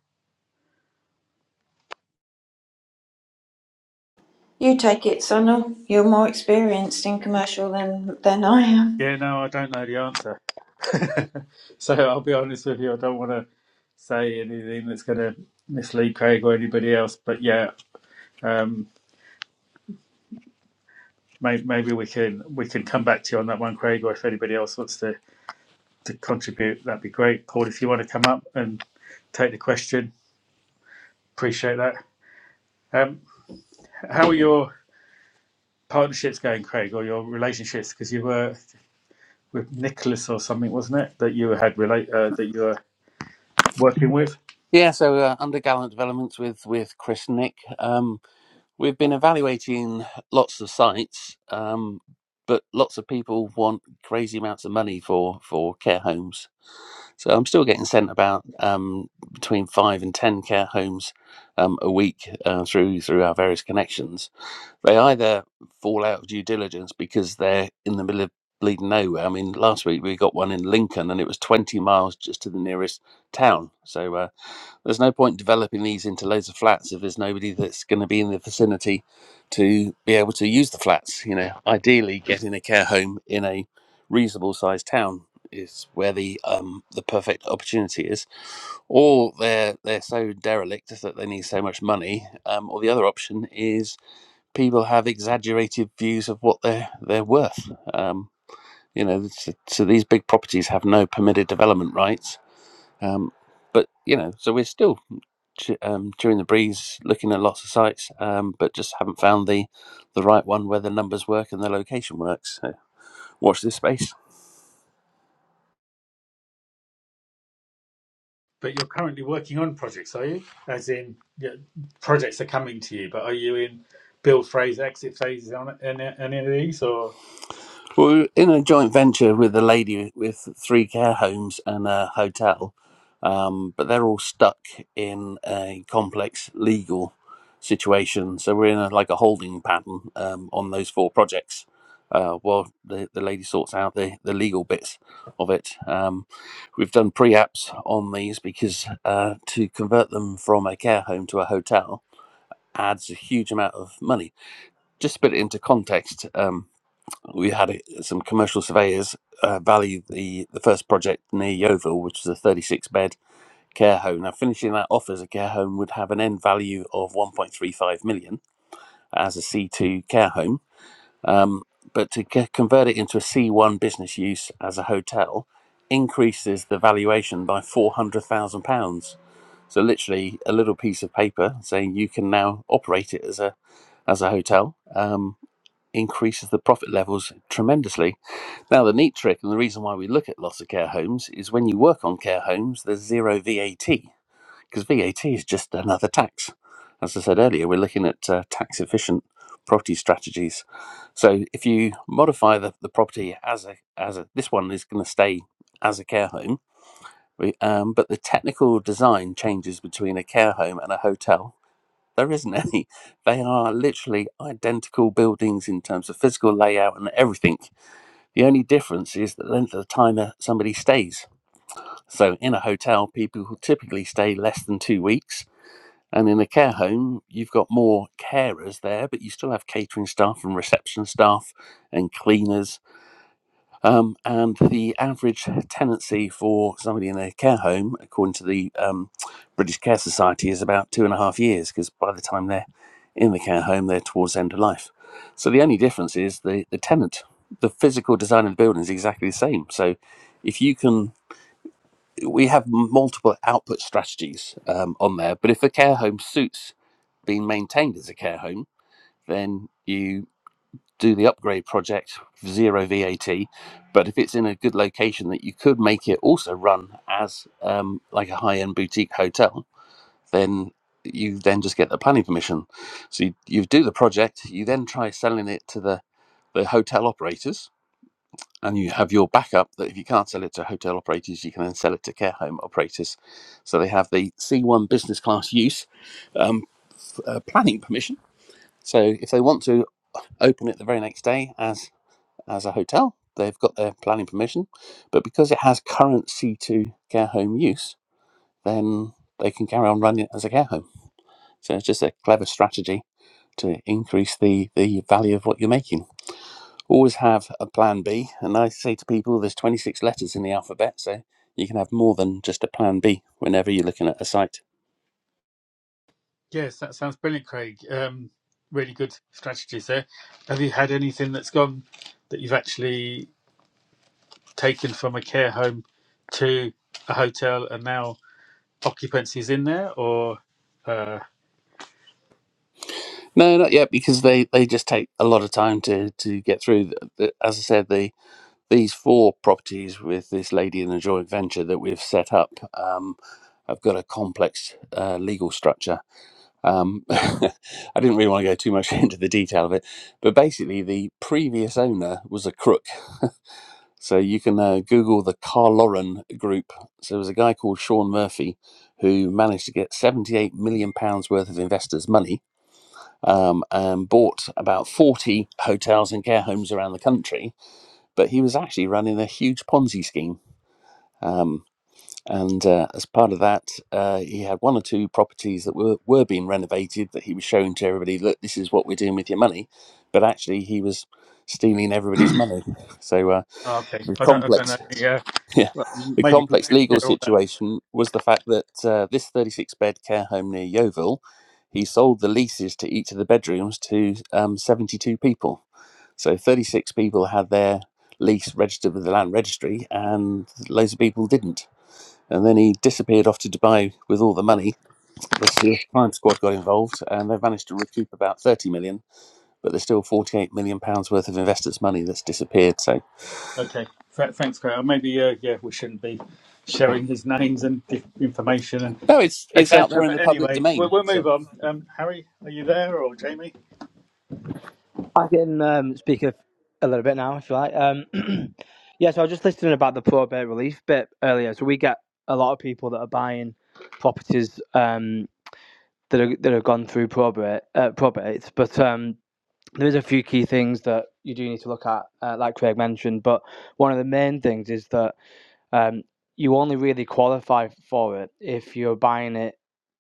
You take it, Sonal. You're more experienced in commercial than than I am. Yeah, no, I don't know the answer. so I'll be honest with you, I don't want to say anything that's going to mislead Craig or anybody else. But yeah, um, may, maybe we can we can come back to you on that one, Craig. Or if anybody else wants to to contribute, that'd be great. Paul, if you want to come up and take the question, appreciate that. Um, how are your partnerships going, Craig, or your relationships? Because you were with Nicholas or something, wasn't it? That you had relate uh, that you were working with. Yeah, so uh, under Gallant Developments with with Chris Nick. Um, We've been evaluating lots of sites, um, but lots of people want crazy amounts of money for for care homes. So I'm still getting sent about um, between five and ten care homes um, a week uh, through through our various connections. They either fall out of due diligence because they're in the middle of bleeding nowhere. I mean, last week we got one in Lincoln, and it was 20 miles just to the nearest town. So. uh, there's no point developing these into loads of flats if there's nobody that's going to be in the vicinity to be able to use the flats. You know, ideally, getting a care home in a reasonable sized town is where the um the perfect opportunity is. Or they're they're so derelict that they need so much money. Um, or the other option is people have exaggerated views of what they're they're worth. Um, you know, so, so these big properties have no permitted development rights. Um, but you know, so we're still tu- um, during the breeze, looking at lots of sites, um, but just haven't found the the right one where the numbers work and the location works. So watch this space. But you're currently working on projects, are you? As in, yeah, projects are coming to you, but are you in build phase, exit phases on any, any of these? Or Well, we We're in a joint venture with a lady with three care homes and a hotel, um, but they're all stuck in a complex legal situation. So we're in a, like a holding pattern um, on those four projects. Uh, while the, the lady sorts out the, the legal bits of it. Um, we've done pre-apps on these because uh, to convert them from a care home to a hotel adds a huge amount of money. Just to put it into context, um, we had it- some commercial surveyors uh, value the, the first project near Yeovil, which is a 36 bed care home. Now, finishing that off as a care home would have an end value of 1.35 million as a C2 care home. Um, but to c- convert it into a C1 business use as a hotel increases the valuation by £400,000. So, literally, a little piece of paper saying you can now operate it as a as a hotel. Um, increases the profit levels tremendously. Now, the neat trick and the reason why we look at loss of care homes is when you work on care homes, there's zero VAT because VAT is just another tax. As I said earlier, we're looking at uh, tax efficient property strategies. So if you modify the, the property as a as a this one is going to stay as a care home, we- um, but the technical design changes between a care home and a hotel there isn't any. They are literally identical buildings in terms of physical layout and everything. The only difference is the length of the time that somebody stays. So, in a hotel, people will typically stay less than two weeks. And in a care home, you've got more carers there, but you still have catering staff and reception staff and cleaners um, and the average tenancy for somebody in a care home, according to the um, British Care Society, is about two and a half years because by the time they're in the care home, they're towards the end of life. So the only difference is the, the tenant. The physical design of the building is exactly the same. So if you can, we have multiple output strategies um, on there, but if a care home suits being maintained as a care home, then you do the upgrade project zero VAT. But if it's in a good location that you could make it also run as um, like a high end boutique hotel, then you then just get the planning permission. So you, you do the project, you then try selling it to the, the hotel operators, and you have your backup that if you can't sell it to hotel operators, you can then sell it to care home operators. So they have the C1 business class use um, uh, planning permission. So if they want to open it the very next day as as a hotel. They've got their planning permission, but because it has current C2 care home use, then they can carry on running it as a care home. So it's just a clever strategy to increase the, the value of what you're making. Always have a plan B. And I say to people, there's 26 letters in the alphabet, so you can have more than just a plan B whenever you're looking at a site. yes, that sounds brilliant, Craig. Um, really good strategies there. Have you had anything that's gone that you've actually taken from a care home to a hotel and now occupancy's in there? Or uh, No, not yet, because they, they just take a lot of time to, to get through. As I said, the these four properties with this lady in a joint venture that we've set up um, have got a complex uh, legal structure. Um, I didn't really want to go too much into the detail of it, but basically, the previous owner was a crook. So you can uh, Google the Carl Lauren group. So there was a guy called Sean Murphy who managed to get 78 million pounds worth of investors' money um, and bought about 40 hotels and care homes around the country. But he was actually running a huge Ponzi scheme um, and uh, as part of that, uh, he had one or two properties that were, were being renovated that he was showing to everybody, look, this is what we're doing with your money. But actually, he was stealing everybody's money. So uh, oh, okay, the I don't, I don't know. complex, Yeah, yeah, well, the maybe we complex should legal share all that. situation was the fact that uh, this 36 bed care home near Yeovil, he sold the leases to each of the bedrooms to um, 72 people. So 36 people had their lease registered with the land registry, and loads of people didn't. And then he disappeared off to Dubai with all the money. The Serious Crime Squad got involved, and they've managed to recoup about 30 million, but there's still 48 million pounds worth of investors' money that's disappeared. So Okay. Th- thanks, Craig. Uh, Maybe uh, yeah, we shouldn't be sharing his names and di- information and no, it's it's out there etc. in But the public anyway, we'll, domain. we'll So move on. Um, Harry, are you there or Jamie? I can um, speak a, a little bit now if you like. Um, yeah, so I was just listening about the probate relief bit earlier. So we get a lot of people that are buying properties um, that are that have gone through probate, uh, probate. But um, there is a few key things that you do need to look at, uh, like Craig mentioned. But one of the main things is that Um, you only really qualify for it if you're buying it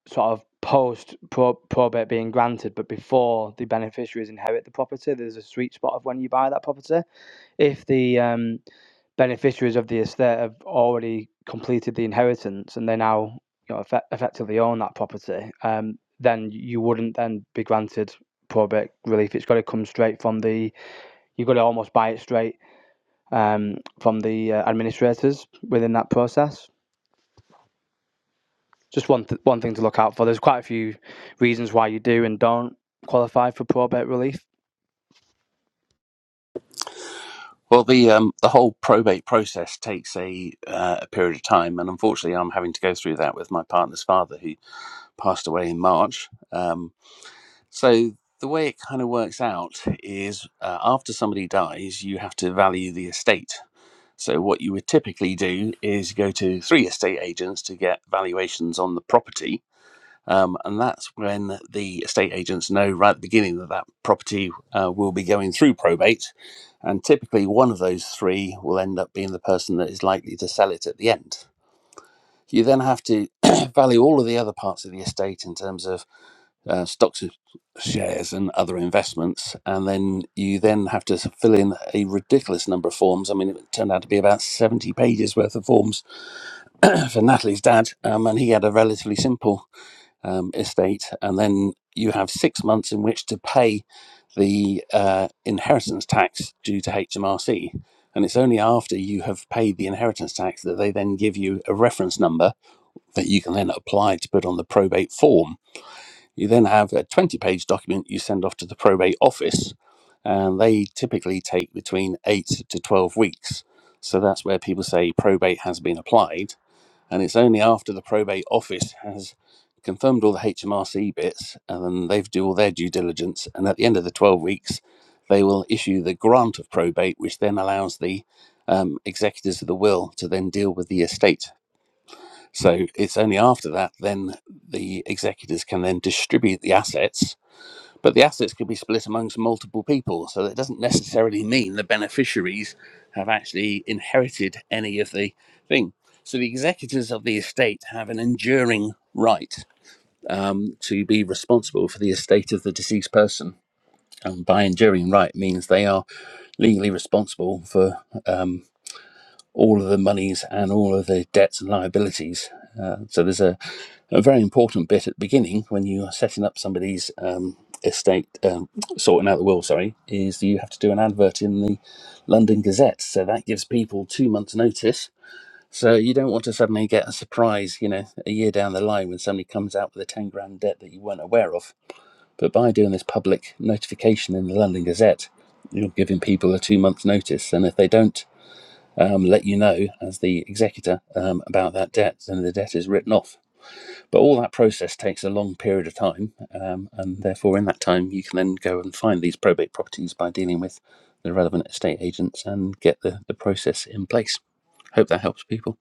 sort of post pro- probate being granted, but before the beneficiaries inherit the property. There's a sweet spot of when you buy that property. If the um, beneficiaries of the estate have already completed the inheritance and they now you know, effect- effectively own that property, um, then you wouldn't then be granted probate relief. It's got to come straight from the, you've got to almost buy it straight um, from the uh, administrators within that process. Just one th- one thing to look out for. There's quite a few reasons why you do and don't qualify for probate relief. well, the um, the whole probate process takes a uh, a period of time, and unfortunately, I'm having to go through that with my partner's father, who passed away in March. Um, So the way it kind of works out is uh, after somebody dies, you have to value the estate. So what you would typically do is go to three estate agents to get valuations on the property. Um, and that's when the estate agents know right at the beginning that that property uh, will be going through probate. And typically, one of those three will end up being the person that is likely to sell it at the end. You then have to value all of the other parts of the estate in terms of uh, stocks, shares, and other investments, and then you then have to fill in a ridiculous number of forms. I mean, it turned out to be about seventy pages worth of forms for Natalie's dad, um, and he had a relatively simple um, estate. And then you have six months in which to pay the uh, inheritance tax due to HMRC. And it's only after you have paid the inheritance tax that they then give you a reference number that you can then apply to put on the probate form you then have a 20 page document you send off to the probate office, and they typically take between 8 to 12 weeks. So that's where people say probate has been applied. And it's only after the probate office has confirmed all the HMRC bits and then they've do all their due diligence. And at the end of the 12 weeks, they will issue the grant of probate, which then allows the um, executors of the will to then deal with the estate. So it's only after that then the executors can then distribute the assets, but the assets can be split amongst multiple people. So that doesn't necessarily mean the beneficiaries have actually inherited any of the thing. So the executors of the estate have an enduring right um, to be responsible for the estate of the deceased person. And by enduring right means they are legally responsible for um, all of the monies and all of the debts and liabilities. Uh, so there's a, a very important bit at the beginning when you are setting up somebody's um, estate, um, sorting out the will, sorry, is you have to do an advert in the London Gazette. So that gives people two months' notice. So you don't want to suddenly get a surprise, you know, a year down the line when somebody comes out with a 10 grand debt that you weren't aware of. But by doing this public notification in the London Gazette, you're giving people a two months' notice. And if they don't um, let you know as the executor um, about that debt, and the debt is written off. But all that process takes a long period of time, um, and therefore, in that time, you can then go and find these probate properties by dealing with the relevant estate agents and get the, the process in place. Hope that helps people.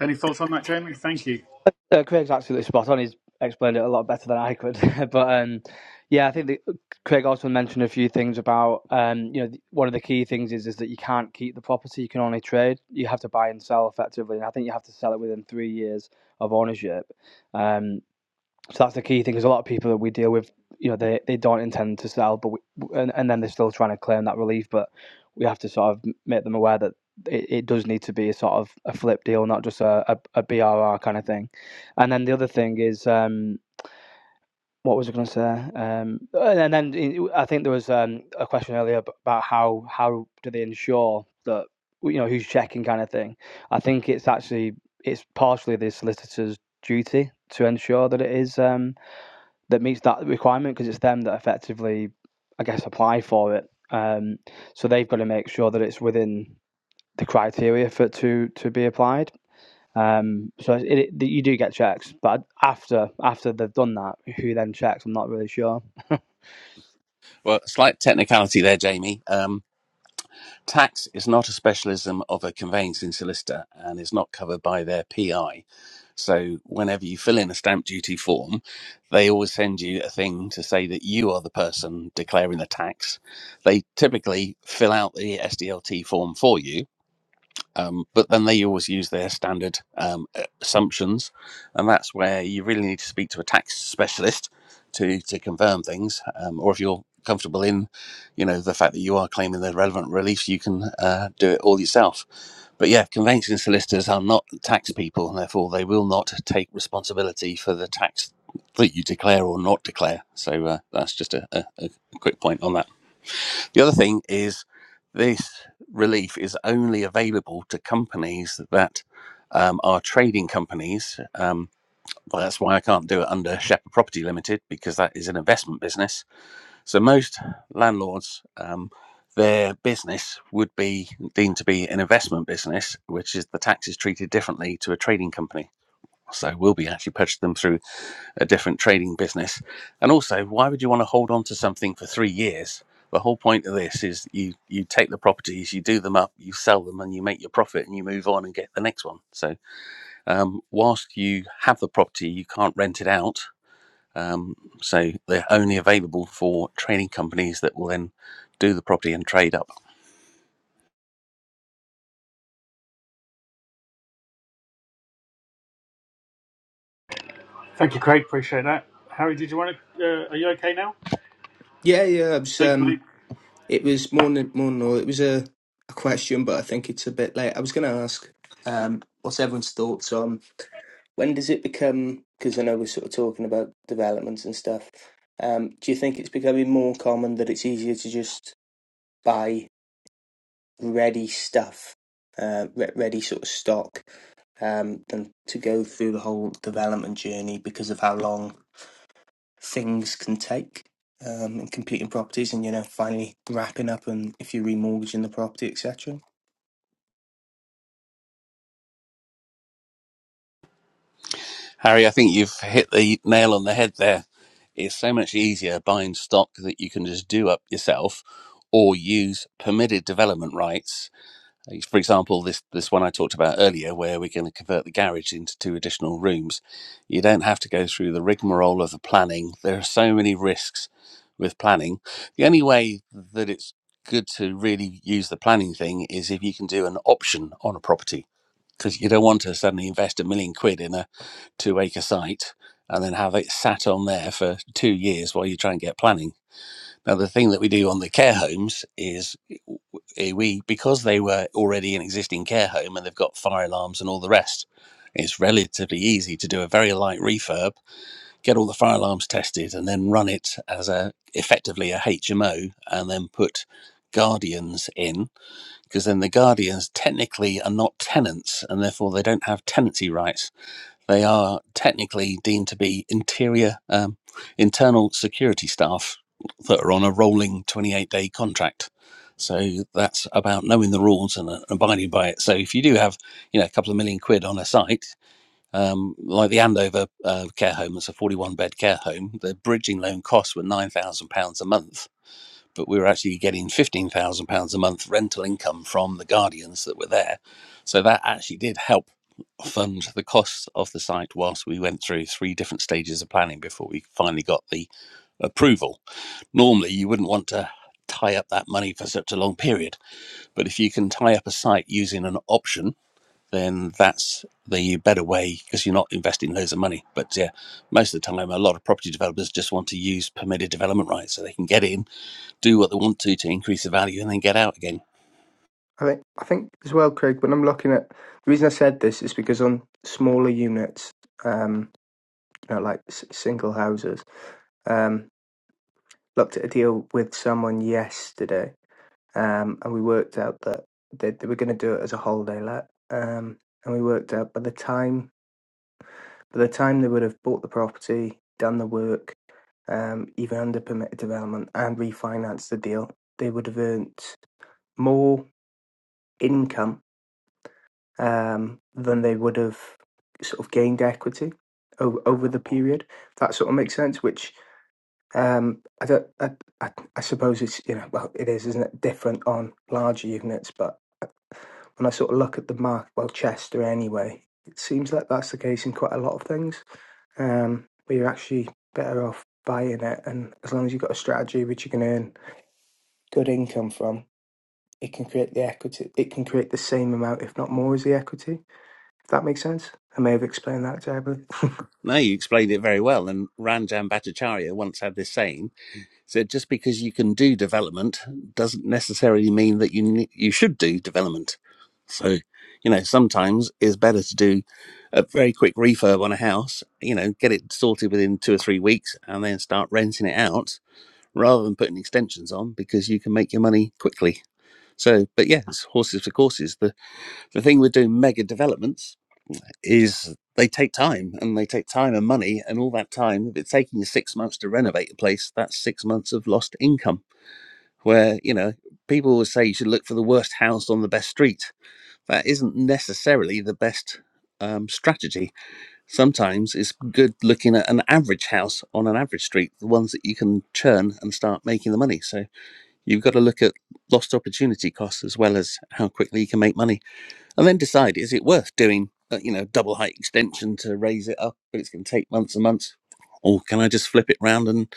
Any thoughts on that, Jamie? Thank you. Uh, Craig's absolutely spot on. He's explained it a lot better than I could. but um, yeah, I think the, Craig also mentioned a few things about um, you know the, one of the key things is is that you can't keep the property. You can only trade. You have to buy and sell effectively, and I think you have to sell it within three years of ownership. Um, So that's the key thing. Because a lot of people that we deal with, you know, they, they don't intend to sell, but we, and and then they're still trying to claim that relief. But we have to sort of make them aware that it, it does need to be a sort of a flip deal, not just a, a, BRR kind of thing. And then the other thing is, um, what was I going to say? Um, and then I think there was um, a question earlier about how how do they ensure that you know who's checking kind of thing. I think it's actually it's partially the solicitor's duty to ensure that it is. Um, that meets that requirement because it's them that effectively, I guess, apply for it. Um, so they've got to make sure that it's within the criteria for it to to be applied. Um, so it, it, you do get checks, but after after they've done that, who then checks? I'm not really sure. Well, slight technicality there, Jamie. Um, Tax is not a specialism of a conveyancing solicitor and is not covered by their PI. So whenever you fill in a stamp duty form, they always send you a thing to say that you are the person declaring the tax. They typically fill out the SDLT form for you um, but then they always use their standard um, uh, assumptions, and that's where you really need to speak to a tax specialist to to confirm things, um, or if you're comfortable in, you know, the fact that you are claiming the relevant reliefs, you can uh, do it all yourself. But yeah, conveyancing solicitors are not tax people, and therefore they will not take responsibility for the tax that you declare or not declare. So uh, that's just a, a, a quick point on that. The other thing is this relief is only available to companies that um, are trading companies. Um, well, that's why I can't do it under Shepherd Property Limited because that is an investment business. So most landlords, um, their business would be deemed to be an investment business, which is the tax is treated differently to a trading company. So we'll be actually purchasing them through a different trading business. And also, why would you want to hold on to something for three years? The whole point of this is you you take the properties, you do them up, you sell them, and you make your profit, and you move on and get the next one. So, um, whilst you have the property, you can't rent it out. Um, so they're only available for trading companies that will then do the property and trade up. Thank you, Craig. Appreciate that. Harry, did you want to? Uh, are you okay now? Yeah, yeah. It was, Thank you, mate. um, it was more than more than all. It was a, a question, but I think it's a bit late. I was going to ask, um, what's everyone's thoughts on when does it become? Because I know we're sort of talking about developments and stuff. Um, do you think it's becoming more common that it's easier to just buy ready stuff, uh, re- ready sort of stock, um, than to go through the whole development journey because of how long things can take um, in completing properties and you know finally wrapping up and if you're remortgaging the property etc Harry, I think you've hit the nail on the head there. It's so much easier buying stock that you can just do up yourself or use permitted development rights. Uh, For example, this, this one I talked about earlier, where we're going to convert the garage into two additional rooms. You don't have to go through the rigmarole of the planning. There are so many risks with planning. The only way that it's good to really use the planning thing is if you can do an option on a property because you don't want to suddenly invest a million quid in a two acre site and then have it sat on there for two years while you try and get planning. Now, the thing that we do on the care homes is eh, we, because they were already an existing care home and they've got fire alarms and all the rest, it's relatively easy to do a very light refurb, get all the fire alarms tested, and then run it as a effectively a HMO and then put guardians in because then the guardians technically are not tenants and therefore they don't have tenancy rights. They are technically deemed to be interior, um, internal security staff that are on a rolling 28 day contract. So that's about knowing the rules and uh, abiding by it. So if you do have, you know, a couple of million quid on a site, um, like the Andover uh, care home, it's a 41 bed care home, the bridging loan costs were £9,000 a month but we were actually getting £15,000 a month rental income from the guardians that were there. So that actually did help fund the costs of the site whilst we went through three different stages of planning before we finally got the approval. Normally, you wouldn't want to tie up that money for such a long period, but if you can tie up a site using an option, then that's the better way because you're not investing loads of money. But yeah, most of the time, a lot of property developers just want to use permitted development rights so they can get in do what they want to to increase the value and then get out again. I think I think as well, Craig. When I'm looking at the reason I said this is because on smaller units, um, you know, like s- single houses, um, looked at a deal with someone yesterday um, and we worked out that they, they were going to do it as a holiday let. Um, and we worked out by the time by the time they would have bought the property, done the work, um, even under permitted development, and refinanced the deal, they would have earned more income um, than they would have sort of gained equity over, over the period. That sort of makes sense. Which um, I don't. I, I, I suppose it's you know well it is isn't it different on larger units, but. And I sort of look at the mark, well, Chester anyway, it seems like that's the case in quite a lot of things, um, where you're actually better off buying it. And as long as you've got a strategy which you can earn good income from, it can create the equity. It can create the same amount, if not more, as the equity. If that makes sense, I may have explained that terribly. No, you explained it very well. And Ranjan Bhattacharya once had this saying: "said just because you can do development doesn't necessarily mean that you you should do development." So, you know, sometimes it's better to do a very quick refurb on a house. You know, get it sorted within two or three weeks, and then start renting it out rather than putting extensions on because you can make your money quickly. So, but yes, horses for courses. The the thing with doing mega developments is they take time and they take time and money and all that time if it's taking you six months to renovate a place that's six months of lost income where you know people always say you should look for the worst house on the best street that isn't necessarily the best um, strategy sometimes it's good looking at an average house on an average street the ones that you can churn and start making the money so you've got to look at lost opportunity costs as well as how quickly you can make money and then decide is it worth doing uh, you know double height extension to raise it up but it's going to take months and months or can i just flip it round and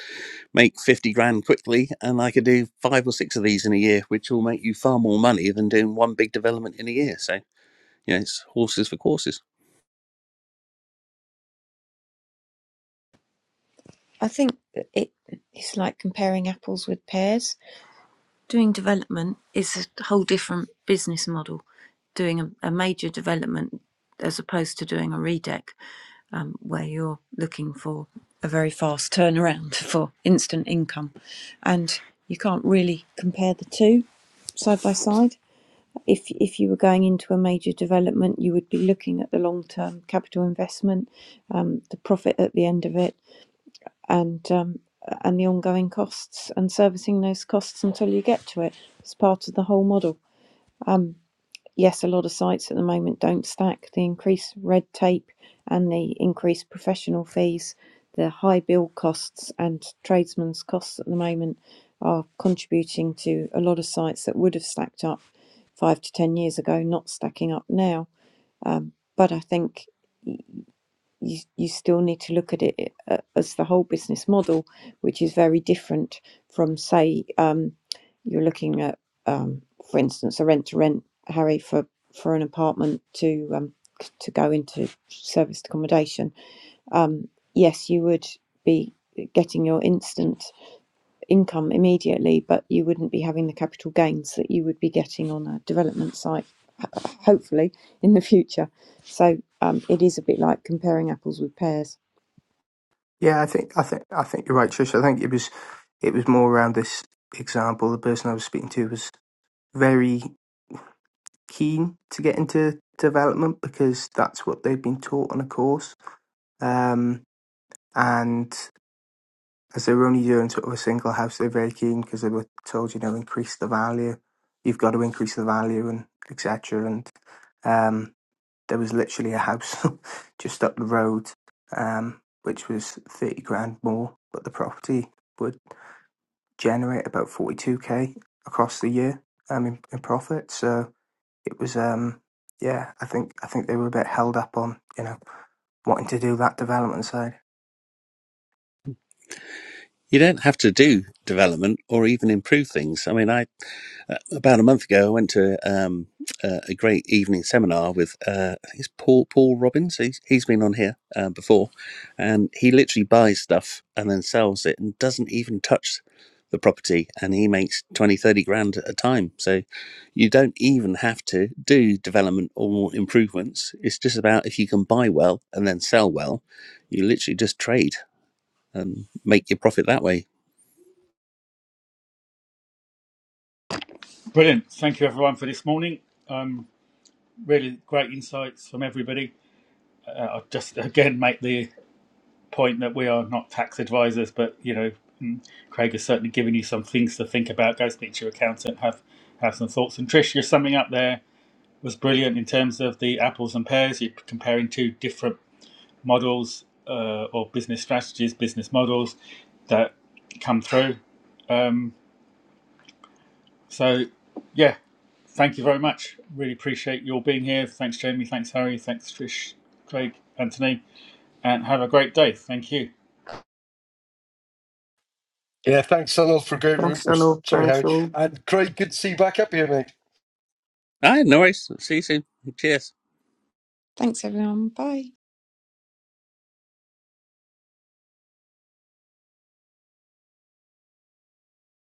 make 50 grand quickly and i could do five or six of these in a year which will make you far more money than doing one big development in a year so you know it's horses for courses I think it it's like comparing apples with pears Doing development is a whole different business model. Doing a, a major development as opposed to doing a redeck, um, where you're looking for a very fast turnaround for instant income, and you can't really compare the two side by side. If if you were going into a major development, you would be looking at the long term capital investment, um, the profit at the end of it, and um, and the ongoing costs and servicing those costs until you get to it. It's part of the whole model. Um, yes, a lot of sites at the moment don't stack the increased red tape and the increased professional fees, the high build costs and tradesmen's costs at the moment are contributing to a lot of sites that would have stacked up five to ten years ago not stacking up now. Um, but I think you, you still need to look at it uh, as the whole business model, which is very different from, say, um, you're looking at, um, for instance, a rent to rent, Harry, for, for an apartment to um, c- to go into serviced accommodation. Um, yes, you would be getting your instant income immediately, but you wouldn't be having the capital gains that you would be getting on a development site, hopefully in the future. So um, it is a bit like comparing apples with pears. yeah, I think I think I think you're right, Trish. I think it was it was more around this example. The person I was speaking to was very keen to get into development because that's what they've been taught on a course. Um, and as they were only doing sort of a single house, they're very keen because they were told, you know, increase the value. You've got to increase the value and etc. And um, there was literally a house just up the road, um, which was thirty grand more, but the property would generate about forty two k across the year. Um, in, in profit. So it was um yeah i think i think they were a bit held up on you know wanting to do that development side you don't have to do development or even improve things. I mean, I uh, about a month ago, I went to um, uh, a great evening seminar with uh, I think it's Paul Paul Robbins. He's he's been on here uh, before, and he literally buys stuff and then sells it and doesn't even touch the property and he makes 20 30 grand at a time so you don't even have to do development or improvements it's just about if you can buy well and then sell well you literally just trade and make your profit that way Brilliant. Thank you, everyone, for this morning. Um, really great insights from everybody. Uh, I'll just again make the point that we are not tax advisors, but you know, mm, Craig has certainly given you some things to think about. Go speak to your accountant, have have some thoughts. And Trish, your summing up there was brilliant in terms of the apples and pears. You're comparing two different models uh, or business strategies, business models that come through. Um, so, yeah, thank you very much. Really appreciate your being here. Thanks, Jamie. Thanks, Harry. Thanks, Trish, Craig, Anthony, and have a great day. Thank you. Yeah, thanks, Sunil, for a great room. thanks hello Sorry, thanks Harry all and Craig. Good to see you back up here, mate. All right, no worries. See you soon. Cheers. Thanks, everyone. Bye.